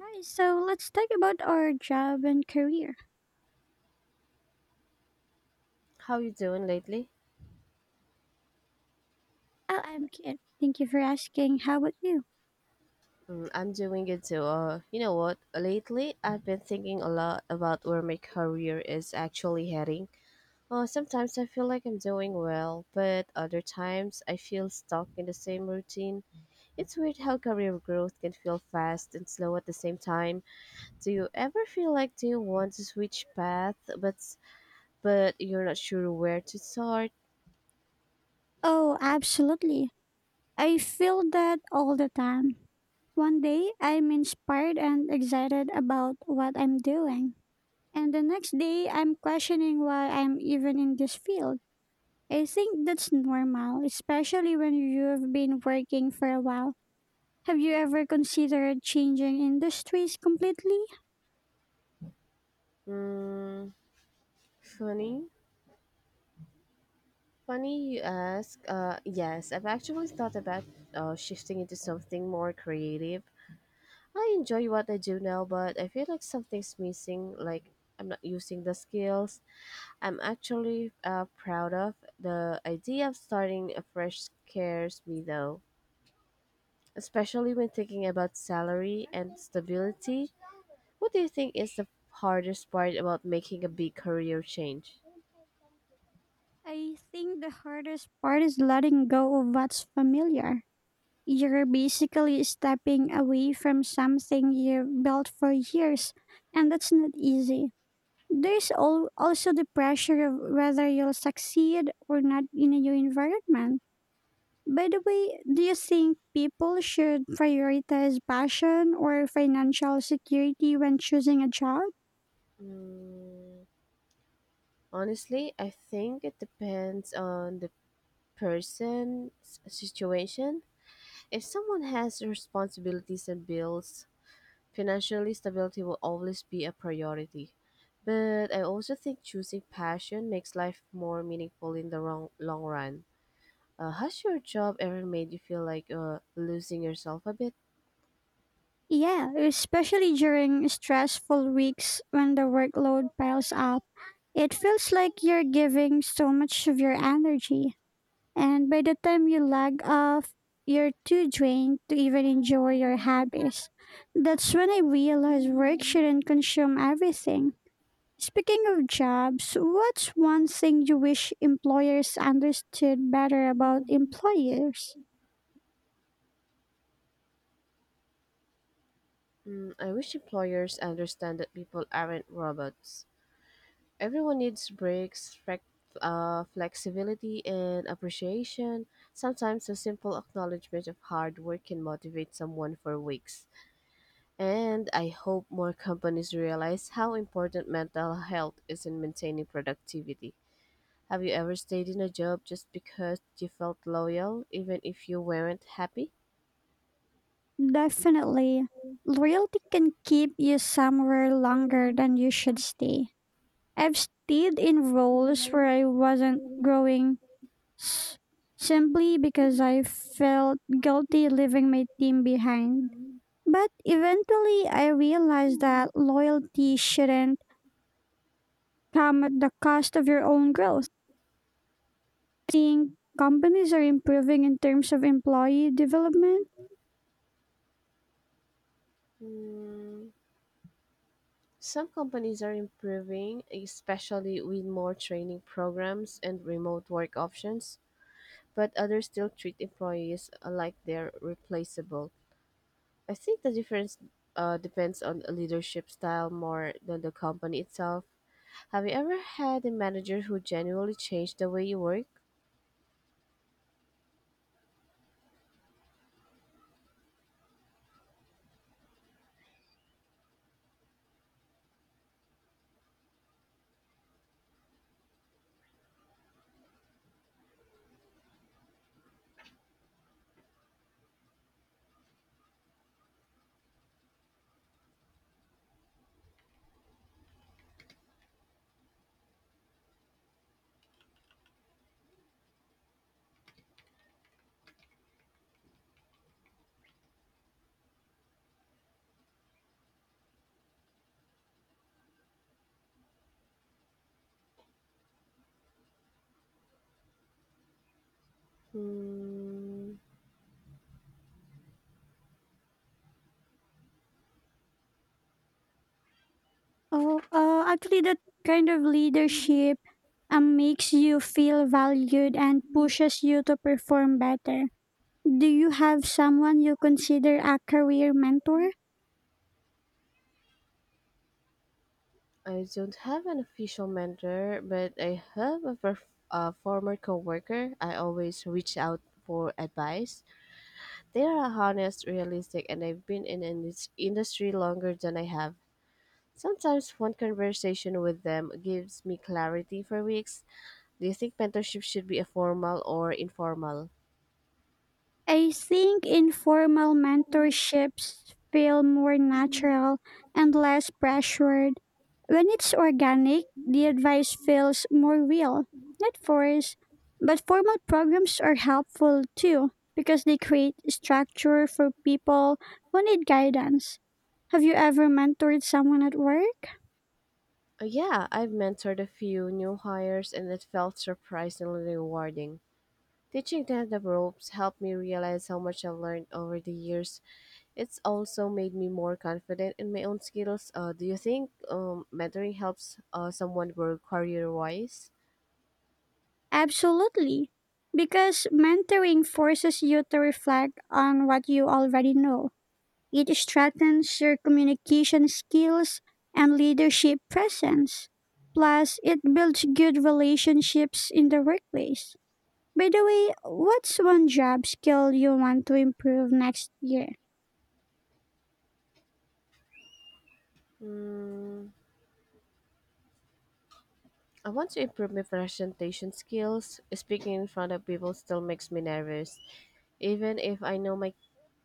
Hi, so let's talk about our job and career. How you doing lately? Oh, I'm good. Thank you for asking. How about you? I'm doing good too. You know what? Lately, I've been thinking a lot about where my career is actually heading. Sometimes I feel like I'm doing well, but other times I feel stuck in the same routine. It's weird how career growth can feel fast and slow at the same time. Do you ever feel like do you want to switch path, but you're not sure where to start? Oh, absolutely. I feel that all the time. One day, I'm inspired and excited about what I'm doing. And the next day, I'm questioning why I'm even in this field. I think that's normal, especially when you've been working for a while. Have you ever considered changing industries completely? Hmm, funny. Funny you ask. Yes, I've actually thought about shifting into something more creative. I enjoy what I do now, but I feel like something's missing. Like I'm not using the skills I'm actually proud of. The idea of starting afresh scares me though, especially when thinking about salary and stability. What do you think is the hardest part about making a big career change? I think the hardest part is letting go of what's familiar. You're basically stepping away from something you've built for years, and that's not easy. There's also the pressure of whether you'll succeed or not in a new environment. By the way, do you think people should prioritize passion or financial security when choosing a job? Mm, Honestly, I think it depends on the situation. If someone has responsibilities and bills, financially stability will always be a priority. But I also think choosing passion makes life more meaningful in the long run. Has your job ever made you feel like losing yourself a bit? Yeah, especially during stressful weeks when the workload piles up. It feels like you're giving so much of your energy, and by the time you lag off, you're too drained to even enjoy your hobbies. That's when I realized work shouldn't consume everything. Speaking of jobs, what's one thing you wish employers understood better about employers? I wish employers understand that people aren't robots. Everyone needs breaks, flexibility, and appreciation. Sometimes a simple acknowledgement of hard work can motivate someone for weeks. And I hope more companies realize how important mental health is in maintaining productivity. Have you ever stayed in a job just because you felt loyal, even if you weren't happy? Definitely. Loyalty can keep you somewhere longer than you should stay. I've stayed in roles where I wasn't growing simply because I felt guilty leaving my team behind. But eventually, I realized that loyalty shouldn't come at the cost of your own growth. Seeing companies are improving in terms of employee development, Mm, some companies are improving, especially with more training programs and remote work options, but others still treat employees like they're replaceable. I think the difference depends on a leadership style more than the company itself. Have you ever had a manager who genuinely changed the way you work? Hmm, oh, actually, that kind of leadership makes you feel valued and pushes you to perform better. Do you have someone you consider a career mentor? I don't have an official mentor, but I have a former coworker. I always reach out for advice. They are honest, realistic, and I've been in an industry longer than I have. Sometimes one conversation with them gives me clarity for weeks. Do you think mentorship should be a formal or informal? I think informal mentorships feel more natural and less pressured. When it's organic, the advice feels more real, not forced. But formal programs are helpful too because they create structure for people who need guidance. Have you ever mentored someone at work? Yeah, I've mentored a few new hires and it felt surprisingly rewarding. Teaching them the ropes helped me realize how much I've learned over the years. It's also made me more confident in my own skills. Do you think mentoring helps someone grow career wise? Absolutely. Because mentoring forces you to reflect on what you already know. It strengthens your communication skills and leadership presence. Plus, it builds good relationships in the workplace. By the way, what's one job skill you want to improve next year? Mm, I want to improve my presentation skills. Speaking in front of people still makes me nervous, even if I know my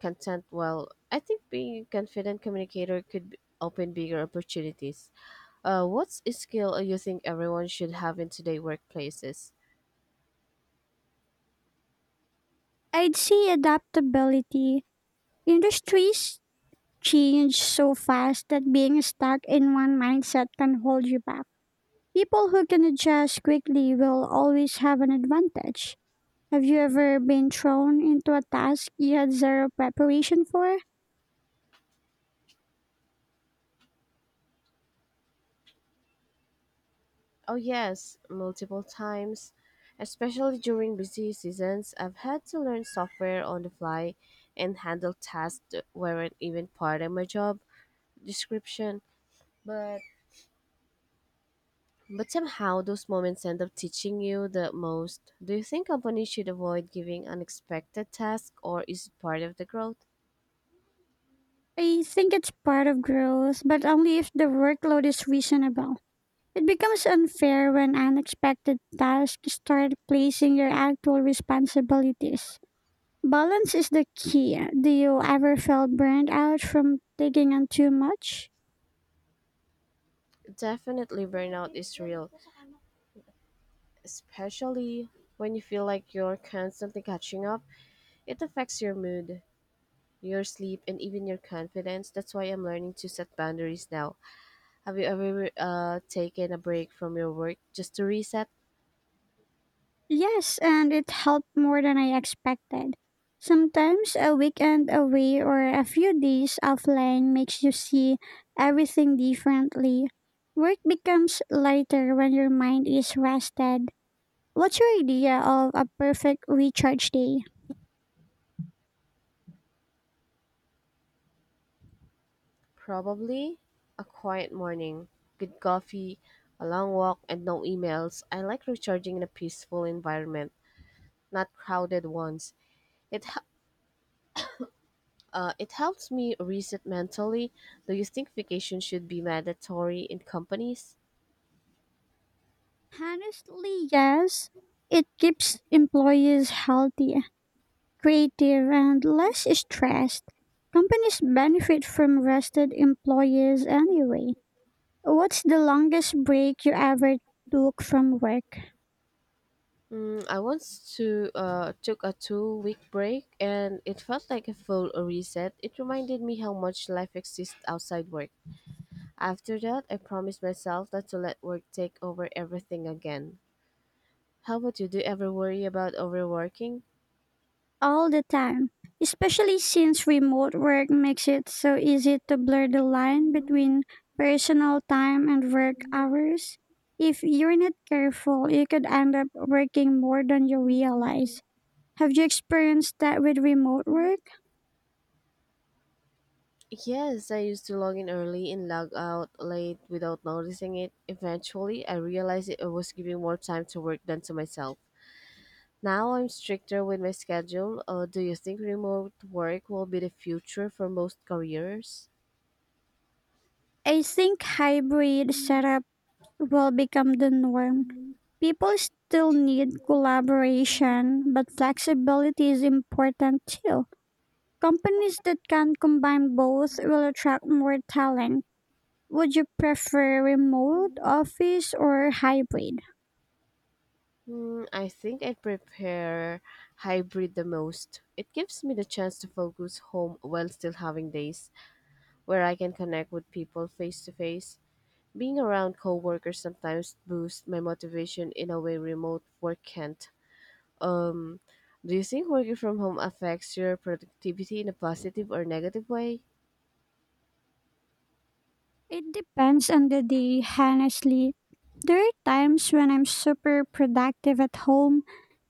content well. I think being a confident communicator could open bigger opportunities. What's a skill you think everyone should have in today's workplaces? I'd say adaptability. Industries change so fast that being stuck in one mindset can hold you back. People who can adjust quickly will always have an advantage. Have you ever been thrown into a task you had zero preparation for? Oh, yes, multiple times. Especially during busy seasons, I've had to learn software on the fly and handle tasks that weren't even part of my job description. But But somehow those moments end up teaching you the most. Do you think companies should avoid giving unexpected tasks or is it part of the growth? I think it's part of growth, but only if the workload is reasonable. It becomes unfair when unexpected tasks start placing your actual responsibilities. Balance is the key. Do you ever feel burned out from taking on too much? Definitely burnout is real, especially when you feel like you're constantly catching up. It affects your mood, your sleep, and even your confidence. That's why I'm learning to set boundaries now. Have you ever taken a break from your work just to reset? Yes, and it helped more than I expected. Sometimes a weekend away or a few days offline makes you see everything differently. Work becomes lighter when your mind is rested. What's your idea of a perfect recharge day? Probably a quiet morning, good coffee, a long walk, and no emails. I like recharging in a peaceful environment, not crowded ones. It h- it helps me reset mentally. Do you think vacation should be mandatory in companies? Honestly, yes. It keeps employees healthy, creative, and less stressed. Companies benefit from rested employees anyway. What's the longest break you ever took from work? I once to took a 2-week break and it felt like a full reset. It reminded me how much life exists outside work. After that, I promised myself not to let work take over everything again. How about you? Do you ever worry about overworking? All the time. Especially since remote work makes it so easy to blur the line between personal time and work hours. If you're not careful, you could end up working more than you realize. Have you experienced that with remote work? Yes, I used to log in early and log out late without noticing it. Eventually, I realized it was giving more time to work than to myself. Now I'm stricter with my schedule. Do you think remote work will be the future for most careers? I think hybrid setup will become the norm. People still need collaboration, but flexibility is important too. Companies that can combine both will attract more talent. Would you prefer remote, office, or hybrid? I think I prepare hybrid the most. It gives me the chance to focus home while still having days where I can connect with people face to face. Being around coworkers sometimes boosts my motivation in a way remote work can't. Um, do you think working from home affects your productivity in a positive or negative way? It depends on the day, honestly. There are times when I'm super productive at home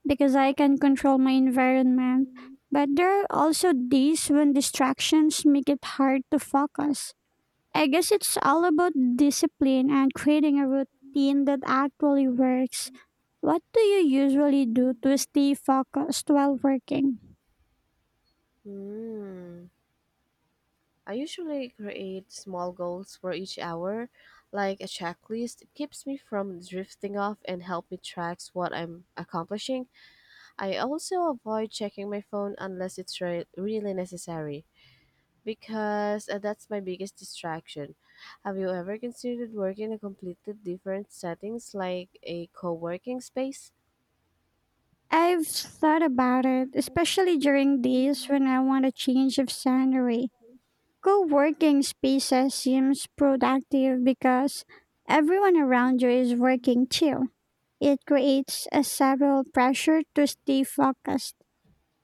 because I can control my environment. But there are also days when distractions make it hard to focus. I guess it's all about discipline and creating a routine that actually works. What do you usually do to stay focused while working? Hmm. I usually create small goals for each hour, like a checklist. It keeps me from drifting off and help me track what I'm accomplishing. I also avoid checking my phone unless it's really necessary, because that's my biggest distraction. Have you ever considered working in a completely different settings like a co-working space? I've thought about it, especially during days when I want a change of scenery. Co working spaces seems productive because everyone around you is working too. It creates a subtle pressure to stay focused.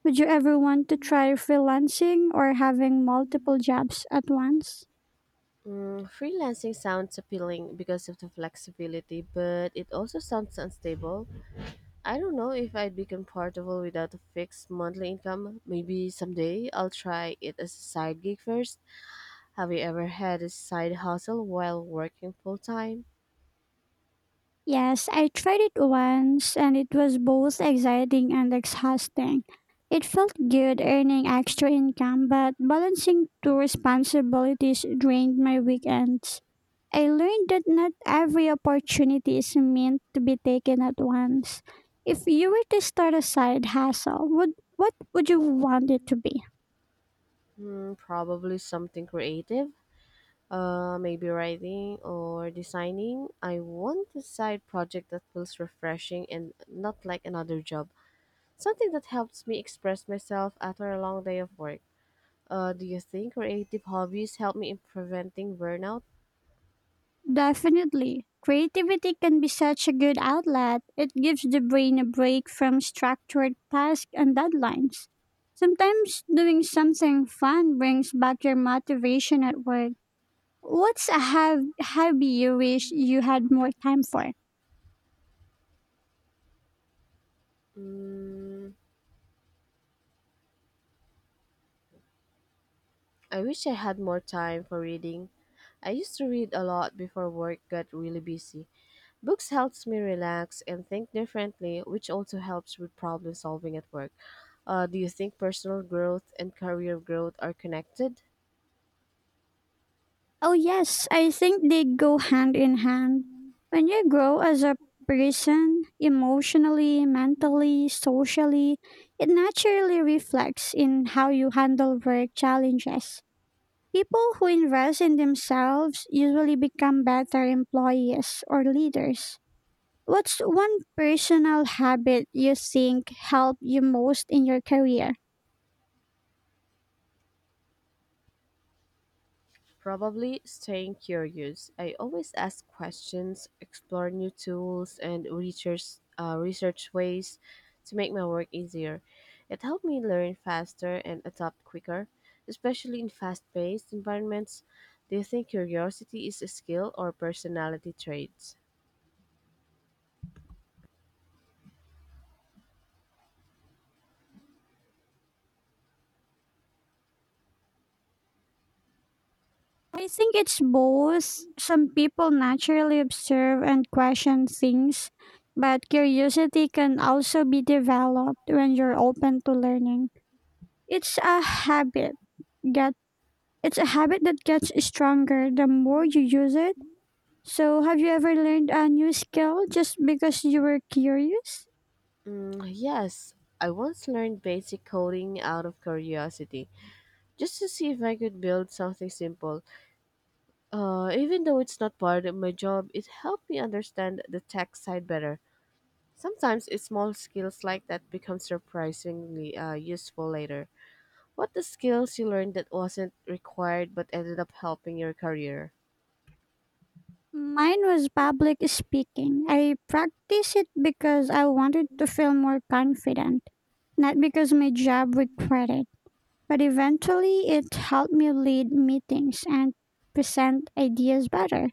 Would you ever want to try freelancing or having multiple jobs at once? Freelancing sounds appealing because of the flexibility, but it also sounds unstable. I don't know if I'd be comfortable without a fixed monthly income. Maybe someday I'll try it as a side gig first. Have you ever had a side hustle while working full time? Yes, I tried it once and it was both exciting and exhausting. It felt good earning extra income, but balancing two responsibilities drained my weekends. I learned that not every opportunity is meant to be taken at once. If you were to start a side hustle, would what would you want it to be? Probably something creative, maybe writing or designing. I want a side project that feels refreshing and not like another job. Something that helps me express myself after a long day of work. Do you think creative hobbies help me in preventing burnout? Definitely. Creativity can be such a good outlet. It gives the brain a break from structured tasks and deadlines. Sometimes doing something fun brings back your motivation at work. What's a hobby you wish you had more time for? Mm, I wish I had more time for reading. I used to read a lot before work got really busy. Books helps me relax and think differently, which also helps with problem solving at work. Do you think personal growth and career growth are connected? Oh, yes, I think they go hand in hand. When you grow as a person, emotionally, mentally, socially, it naturally reflects in how you handle work challenges. People who invest in themselves usually become better employees or leaders. What's one personal habit you think helped you most in your career? Probably staying curious. I always ask questions, explore new tools, and research ways to make my work easier. It helped me learn faster and adapt quicker, especially in fast paced environments. Do you think curiosity is a skill or personality trait? I think it's both. Some people naturally observe and question things, but curiosity can also be developed when you're open to learning. It's a habit. Get It's a habit that gets stronger the more you use it. So, have you ever learned a new skill just because you were curious? Yes, I once learned basic coding out of curiosity, just to see if I could build something simple. Even though it's not part of my job, it helped me understand the tech side better. Sometimes it's small skills like that become surprisingly useful later. What the skills you learned that wasn't required but ended up helping your career? Mine was public speaking. I practiced it because I wanted to feel more confident, not because my job required it. But eventually, it helped me lead meetings and present ideas better.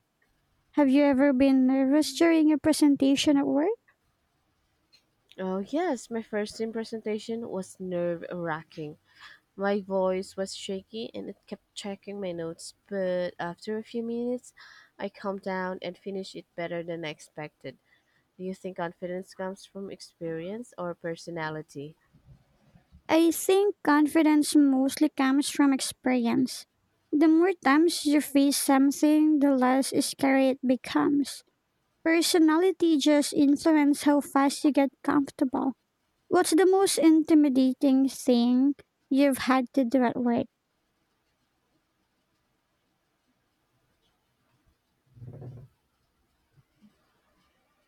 Have you ever been nervous during a presentation at work? Oh yes, my first team presentation was nerve-wracking. My voice was shaky and it kept checking my notes, but after a few minutes, I calmed down and finished it better than I expected. Do you think confidence comes from experience or personality? I think confidence mostly comes from experience. The more times you face something, the less scary it becomes. Personality just influences how fast you get comfortable. What's the most intimidating thing you've had to do at work?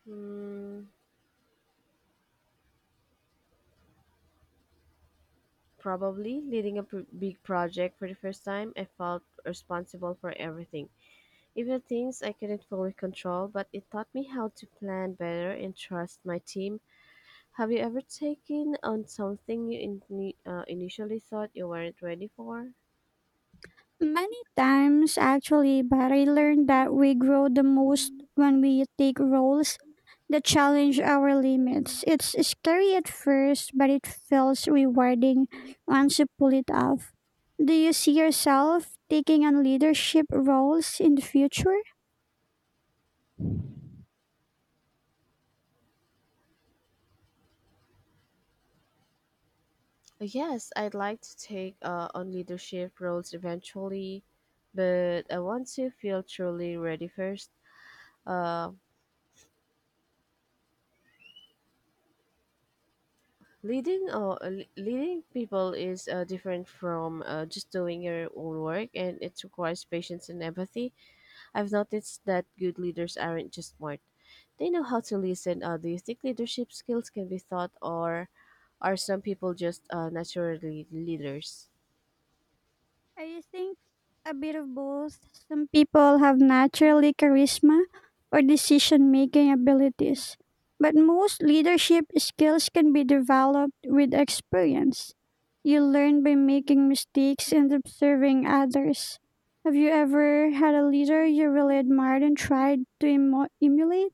Hmm, Probably leading a big project for the first time, I felt responsible for everything, even things I couldn't fully control, but it taught me how to plan better and trust my team. Have you ever taken on something you initially thought you weren't ready for? Many times, actually, but I learned that we grow the most when we take roles that challenge our limits. It's scary at first, but it feels rewarding once you pull it off. Do you see yourself taking on leadership roles in the future? Yes, I'd like to take on leadership roles eventually, but I want to feel truly ready first. Uh, Leading people is different from just doing your own work, and it requires patience and empathy. I've noticed that good leaders aren't just smart, they know how to listen. Do you think leadership skills can be taught, or are some people just naturally leaders? I think a bit of both. Some people have naturally charisma or decision making abilities, but most leadership skills can be developed with experience. You learn by making mistakes and observing others. Have you ever had a leader you really admired and tried to emulate?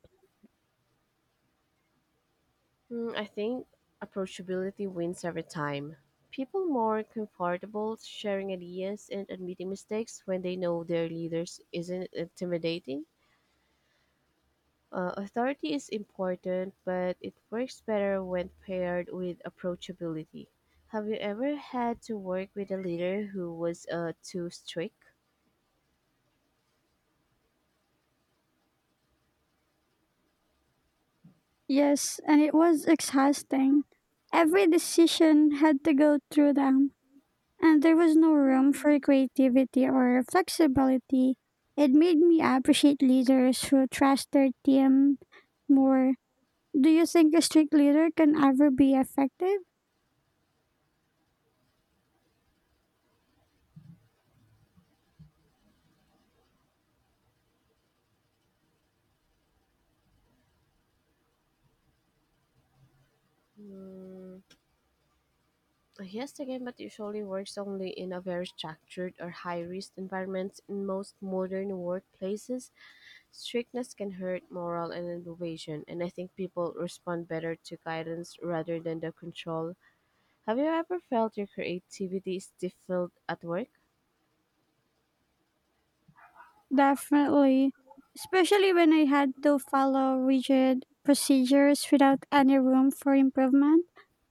I think approachability wins every time. People more comfortable sharing ideas and admitting mistakes when they know their leaders isn't intimidating. Authority is important, but it works better when paired with approachability. Have you ever had to work with a leader who was too strict? Yes, and it was exhausting. Every decision had to go through them and there was no room for creativity or flexibility. It made me appreciate leaders who trust their team more. Do you think a strict leader can ever be effective? Mm, yes, again, but usually works only in a very structured or high risk environment. In most modern workplaces, strictness can hurt morale and innovation, and I think people respond better to guidance rather than the control. Have you ever felt your creativity stifled at work? Definitely. Especially when I had to follow rigid procedures without any room for improvement,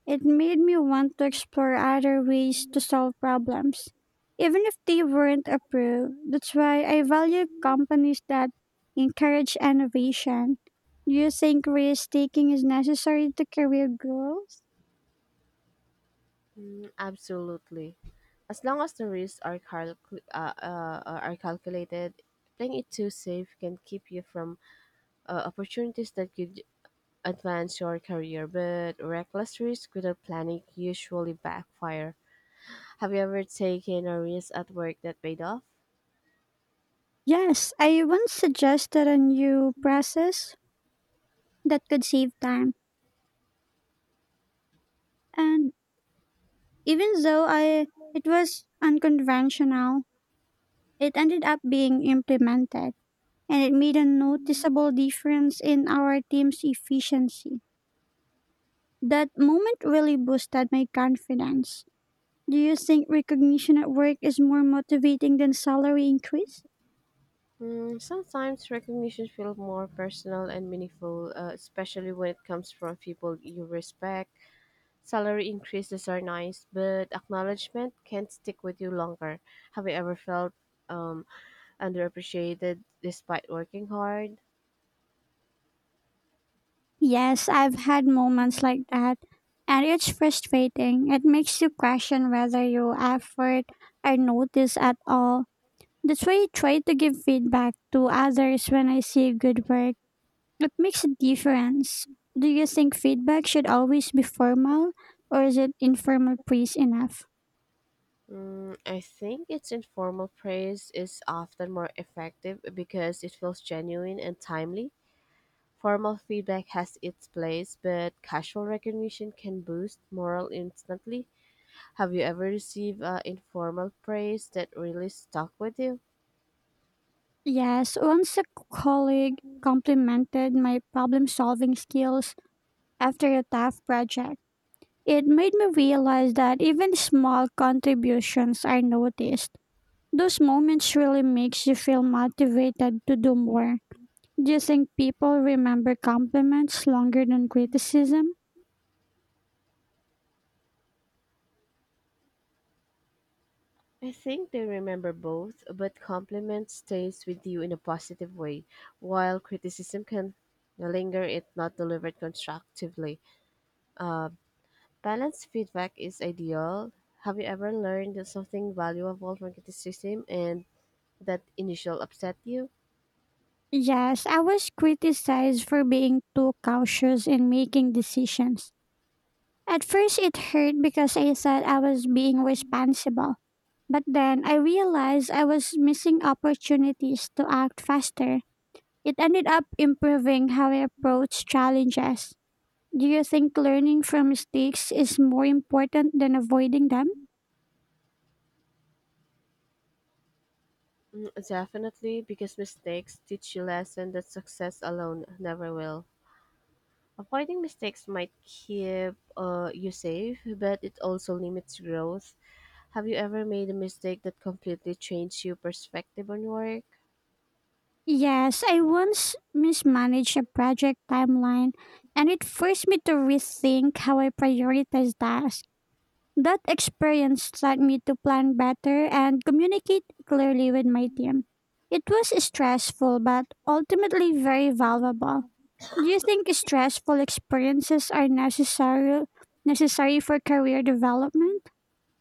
it made me want to explore other ways to solve problems, even if they weren't approved. That's why I value companies that encourage innovation. Do you think risk taking is necessary to career growth? Absolutely. As long as the risks are are calculated, playing it too safe can keep you from opportunities that could advance your career. But reckless risk without planning usually backfire. Have you ever taken a risk at work that paid off? Yes, I once suggested a new process that could save time and. Even though I it was unconventional, it ended up being implemented and it made a noticeable difference in our team's efficiency. That moment really boosted my confidence. Do you think recognition at work is more motivating than salary increase? Sometimes recognition feels more personal and meaningful, especially when it comes from people you respect. Salary increases are nice, but acknowledgement can't stick with you longer. Have you ever felt um, underappreciated despite working hard? Yes, I've had moments like that. And it's frustrating. It makes you question whether your effort are noticed at all. That's why I try to give feedback to others when I see good work. It makes a difference. Do you think feedback should always be formal or is it informal praise enough? I think it's informal praise is often more effective because it feels genuine and timely. Formal feedback has its place, but casual recognition can boost morale instantly. Have you ever received informal praise that really stuck with you? Yes, once a colleague complimented my problem solving skills after a tough project, it made me realize that even small contributions are noticed. Those moments really makes you feel motivated to do more. Do you think people remember compliments longer than criticism? I think they remember both, but compliment stays with you in a positive way, while criticism can linger if not delivered constructively. Balanced feedback is ideal. Have you ever learned something valuable from criticism and that initial upset you? Yes, I was criticized for being too cautious in making decisions. At first, it hurt because I thought I was being responsible. But then I realized I was missing opportunities to act faster. It ended up improving how I approach challenges. Do you think learning from mistakes is more important than avoiding them? Definitely, because mistakes teach you lessons that success alone never will. Avoiding mistakes might keep you safe, but it also limits growth. Have you ever made a mistake that completely changed your perspective on work? Yes, I once mismanaged a project timeline and it forced me to rethink how I prioritize tasks. That experience taught me to plan better and communicate clearly with my team. It was stressful but ultimately very valuable. Do you think stressful experiences are necessary for career development?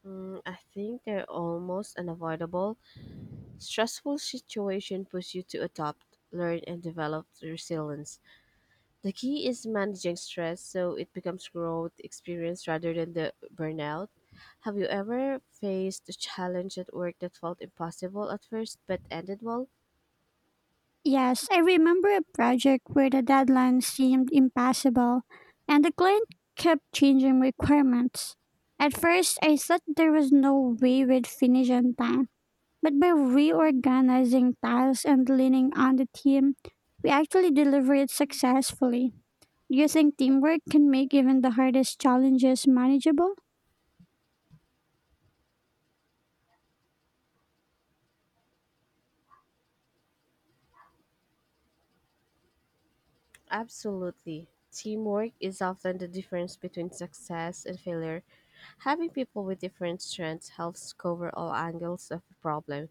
Mm, I think they're almost unavoidable. Stressful situation push you to adopt, learn, and develop resilience. The key is managing stress so it becomes growth experience rather than the burnout. Have you ever faced a challenge at work that felt impossible at first but ended well? Yes, I remember a project where the deadline seemed impossible and the client kept changing requirements. At first, I thought there was no way we'd finish on time, but by reorganizing tasks and leaning on the team, we actually delivered it successfully. Do you think teamwork can make even the hardest challenges manageable? Absolutely. Teamwork is often the difference between success and failure. Having people with different strengths helps cover all angles of the problem.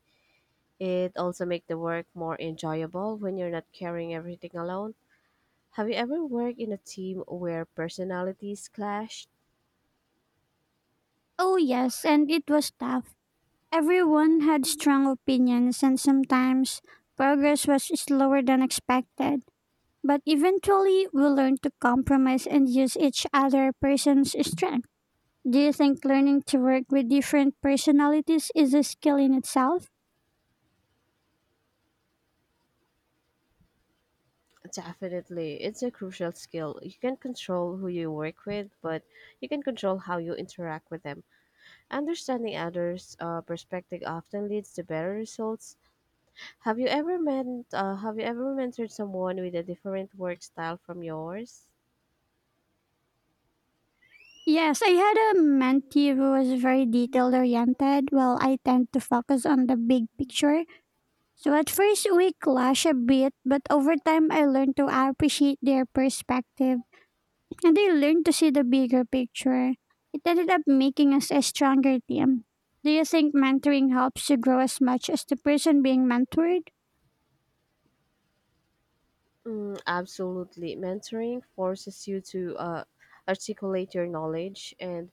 It also makes the work more enjoyable when you're not carrying everything alone. Have you ever worked in a team where personalities clashed? Oh, yes, and it was tough. Everyone had strong opinions, and sometimes progress was slower than expected. But eventually, we learn to compromise and use each other person's strength. Do you think learning to work with different personalities is a skill in itself? Definitely. It's a crucial skill. You can control who you work with, but you can control how you interact with them. Understanding others' perspective often leads to better results. Have you ever met have you ever mentored someone with a different work style from yours? Yes, I had a mentee who was very detail oriented, while I tend to focus on the big picture. So at first, we clash a bit, but over time, I learned to appreciate their perspective. And they learn to see the bigger picture. It ended up making us a stronger team. Do you think mentoring helps you grow as much as the person being mentored? Mm, absolutely. Mentoring forces you to articulate your knowledge and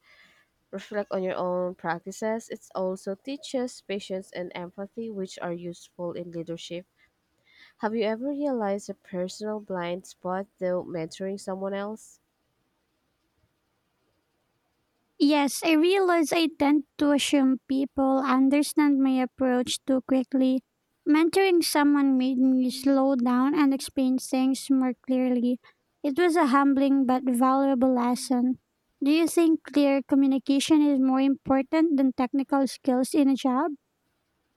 reflect on your own practices. It also teaches patience and empathy, which are useful in leadership. Have you ever realized a personal blind spot though mentoring someone else? Yes, I realize I tend to assume people understand my approach too quickly. Mentoring someone made me slow down and explain things more clearly. It was a humbling but valuable lesson. Do you think clear communication is more important than technical skills in a job?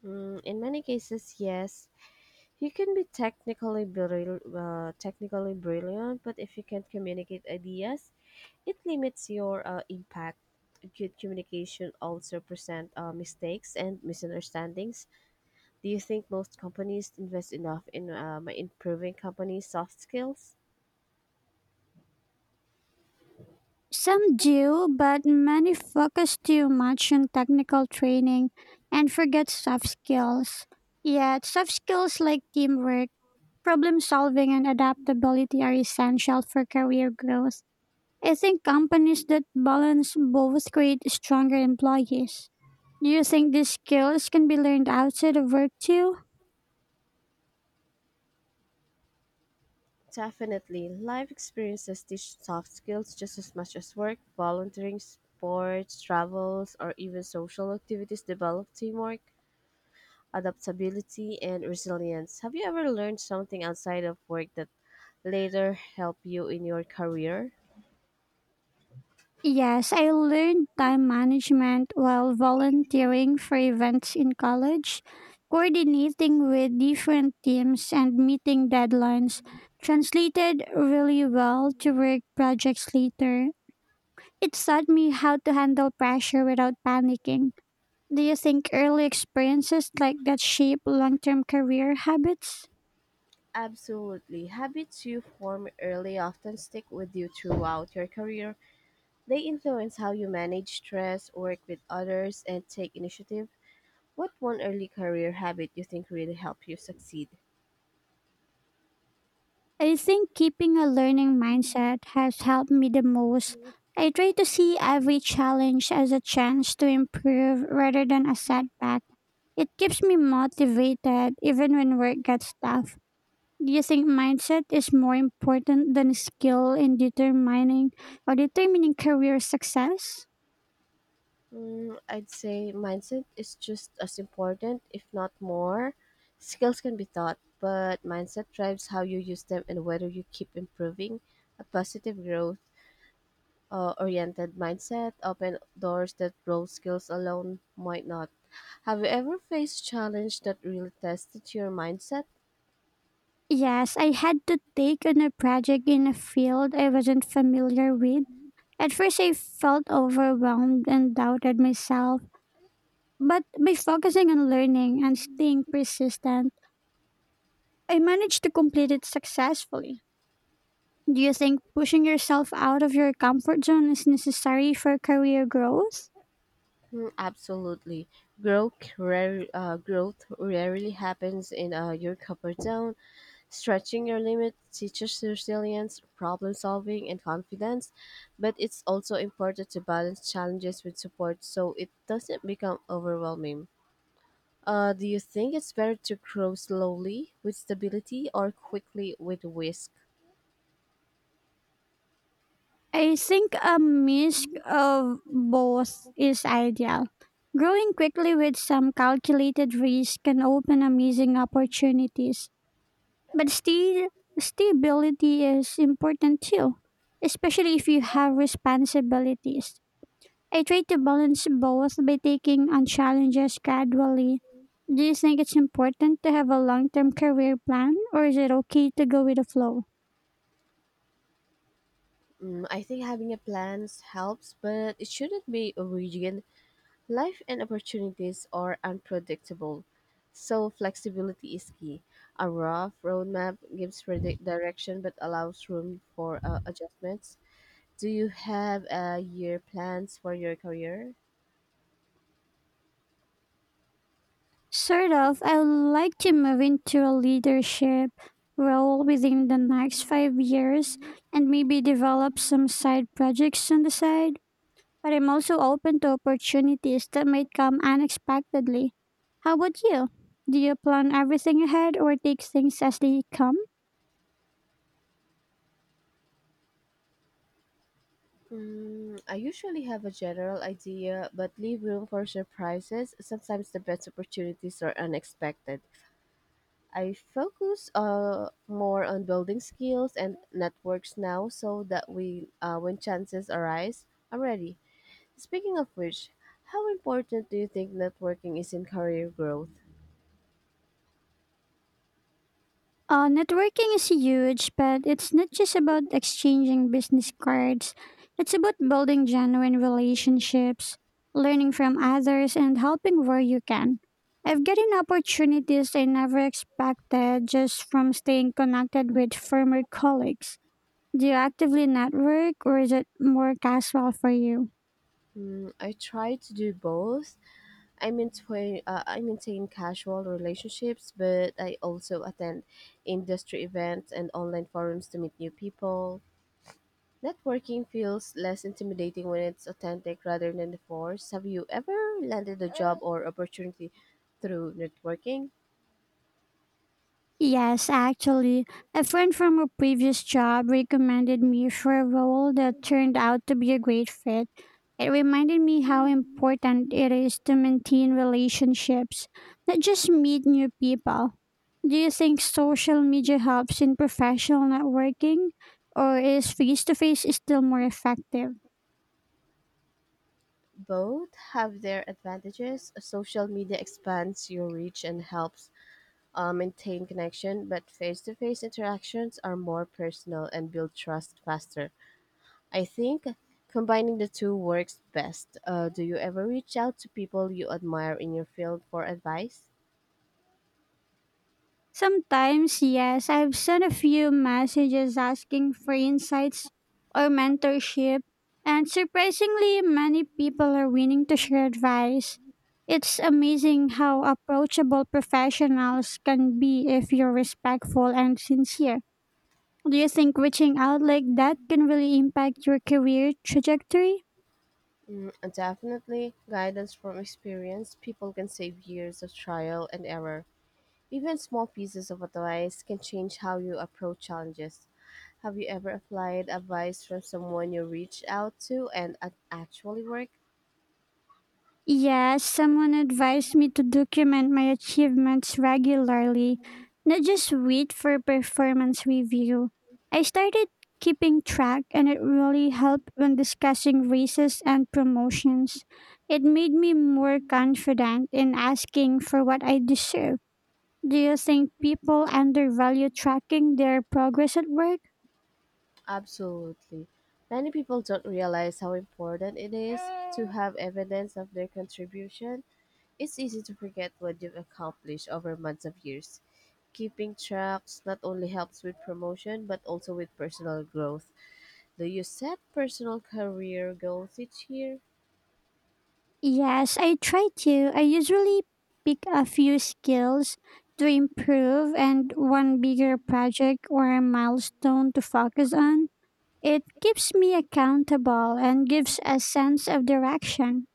Mm, in many cases, yes. You can be technically brilliant, but if you can't communicate ideas, it limits your impact. Good communication also present mistakes and misunderstandings. Do you think most companies invest enough in improving company soft skills? Some do, but many focus too much on technical training and forget soft skills. Yet, soft skills like teamwork, problem solving, and adaptability are essential for career growth. I think companies that balance both create stronger employees. Do you think these skills can be learned outside of work too? Definitely, life experiences teach soft skills just as much as work. Volunteering, sports, travels, or even social activities develop teamwork, adaptability, and resilience. Have you ever learned something outside of work that later helped you in your career? Yes, I learned time management while volunteering for events in college, coordinating with different teams and meeting deadlines. Translated really well to work projects later. It taught me how to handle pressure without panicking. Do you think early experiences like that shape long term career habits? Absolutely. Habits you form early often stick with you throughout your career. They influence how you manage stress, work with others, and take initiative. What one early career habit you think really helped you succeed? I think keeping a learning mindset has helped me the most. I try to see every challenge as a chance to improve rather than a setback. It keeps me motivated even when work gets tough. Do you think mindset is more important than skill in determining or determining career success? Mm, I'd say mindset is just as important, if not more. Skills can be taught, but mindset drives how you use them and whether you keep improving. A positive growth oriented mindset open doors that raw skills alone might not. Have you ever faced challenge that really tested your mindset? Yes, I had to take on a project in a field I wasn't familiar with. At first, I felt overwhelmed and doubted myself. But by focusing on learning and staying persistent, I managed to complete it successfully. Do you think pushing yourself out of your comfort zone is necessary for career growth? Mm, absolutely. Growth rarely happens in your comfort zone. Stretching your limits teaches resilience, problem solving, and confidence, but it's also important to balance challenges with support so it doesn't become overwhelming. Do you think it's better to grow slowly with stability or quickly with risk? I think a mix of both is ideal. Growing quickly with some calculated risk can open amazing opportunities, but still, stability is important too, especially if you have responsibilities. I try to balance both by taking on challenges gradually. Do you think it's important to have a long term career plan, or is it okay to go with the flow? Mm, I think having a plan helps, but it shouldn't be rigid. Life and opportunities are unpredictable, so flexibility is key. A rough roadmap gives direction but allows room for adjustments. Do you have year plans for your career? Sort of, I would like to move into a leadership role within the next 5 years and maybe develop some side projects on the side. But I'm also open to opportunities that might come unexpectedly. How about you? Do you plan everything ahead or take things as they come? Mm, I usually have a general idea, but leave room for surprises. Sometimes the best opportunities are unexpected. I focus more on building skills and networks now so that we, when chances arise, I'm ready. Speaking of which, how important do you think networking is in career growth? Networking is huge, but it's not just about exchanging business cards. It's about building genuine relationships, learning from others, and helping where you can. I've gotten opportunities I never expected just from staying connected with former colleagues. Do you actively network, or is it more casual for you? Mm, I try to do both. I maintain casual relationships, but I also attend industry events and online forums to meet new people. Networking feels less intimidating when it's authentic rather than the force. Have you ever landed a job or opportunity through networking? Yes, actually, a friend from a previous job recommended me for a role that turned out to be a great fit. It reminded me how important it is to maintain relationships, not just meet new people. Do you think social media helps in professional networking, or is face to face still more effective? Both have their advantages. Social media expands your reach and helps maintain connection, but face to face interactions are more personal and build trust faster. I think combining the two works best. Do you ever reach out to people you admire in your field for advice? Sometimes, yes, I've sent a few messages asking for insights or mentorship, and surprisingly, many people are willing to share advice. It's amazing how approachable professionals can be if you're respectful and sincere. Do you think reaching out like that can really impact your career trajectory? Mm, definitely, guidance from experience. People can save years of trial and error. Even small pieces of advice can change how you approach challenges. Have you ever applied advice from someone you reached out to and it actually worked? Yes, someone advised me to document my achievements regularly, not just wait for performance review. I started keeping track and it really helped when discussing raises and promotions. It made me more confident in asking for what I deserve. Do you think people undervalue tracking their progress at work? Absolutely. Many people don't realize how important it is to have evidence of their contribution. It's easy to forget what you've accomplished over months of years. Keeping tracks not only helps with promotion but also with personal growth. Do you set personal career goals each year? Yes, I try to. I usually pick a few skills to improve and one bigger project or a milestone to focus on. It keeps me accountable and gives a sense of direction.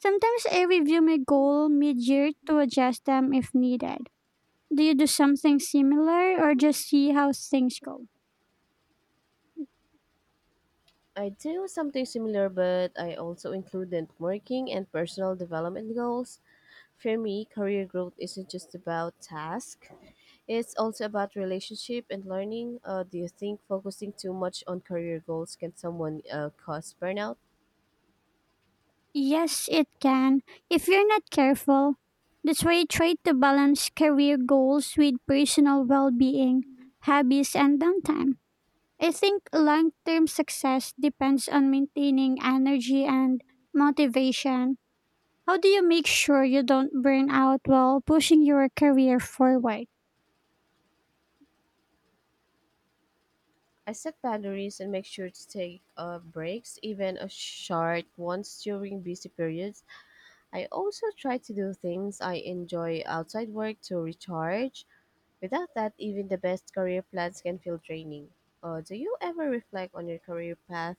Sometimes I review my goal mid year to adjust them if needed. Do you do something similar or just see how things go? I do something similar, but I also include networking and personal development goals. For me, career growth isn't just about tasks, it's also about relationship and learning. Do you think focusing too much on career goals can someone cause burnout? Yes, it can, if you're not careful. That's why I try to balance career goals with personal well being, hobbies, and downtime. I think long term success depends on maintaining energy and motivation. How do you make sure you don't burn out while pushing your career forward? I set boundaries and make sure to take breaks, even a short ones during busy periods. I also try to do things I enjoy outside work to recharge. Without that, even the best career plans can feel draining. Do you ever reflect on your career path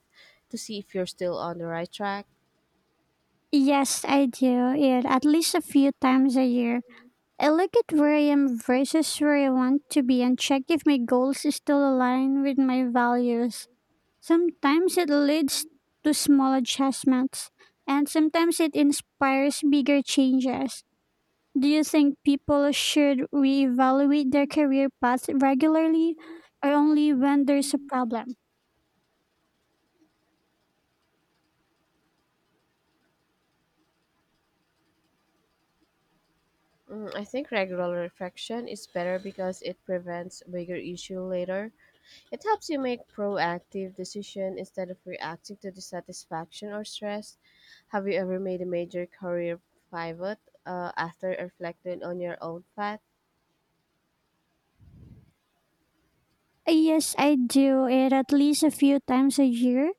to see if you're still on the right track? Yes, I do it at least a few times a year. I look at where I am versus where I want to be and check if my goals still align with my values. Sometimes it leads to small adjustments, and sometimes it inspires bigger changes. Do you think people should reevaluate their career path regularly or only when there's a problem? Mm, I think regular reflection is better because it prevents bigger issue later. It helps you make proactive decision instead of reacting to dissatisfaction or stress. Have you ever made a major career pivot after reflecting on your own path? Yes, I do it at least a few times a year.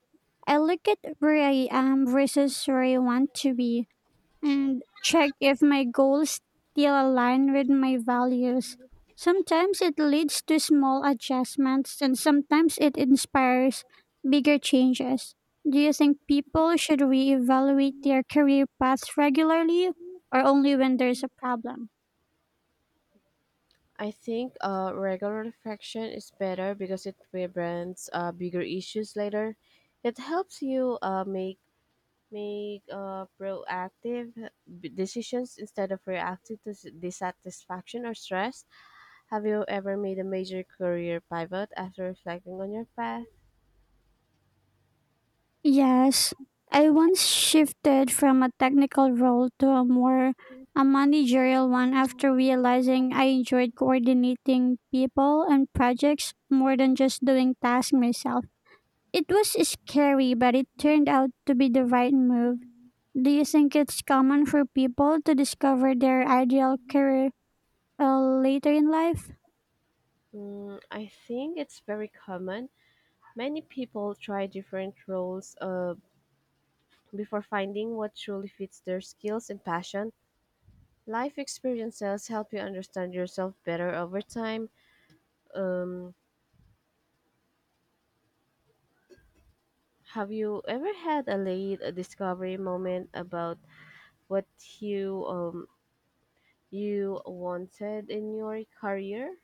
I look at where I am versus where I want to be and check if my goals still align with my values. Sometimes it leads to small adjustments, and sometimes it inspires bigger changes. Do you think people should reevaluate their career paths regularly or only when there's a problem? I think regular reflection is better because it prevents bigger issues later. It helps you make make proactive decisions instead of reacting to dissatisfaction or stress. Have you ever made a major career pivot after reflecting on your path? Yes, I once shifted from a technical role to a more a managerial one after realizing I enjoyed coordinating people and projects more than just doing tasks myself. It was scary, but it turned out to be the right move. Do you think it's common for people to discover their ideal career later in life? Mm, I think it's very common. Many people try different roles before finding what truly fits their skills and passion. Life experiences help you understand yourself better over time. Um, have you ever had a late discovery moment about what you you wanted in your career?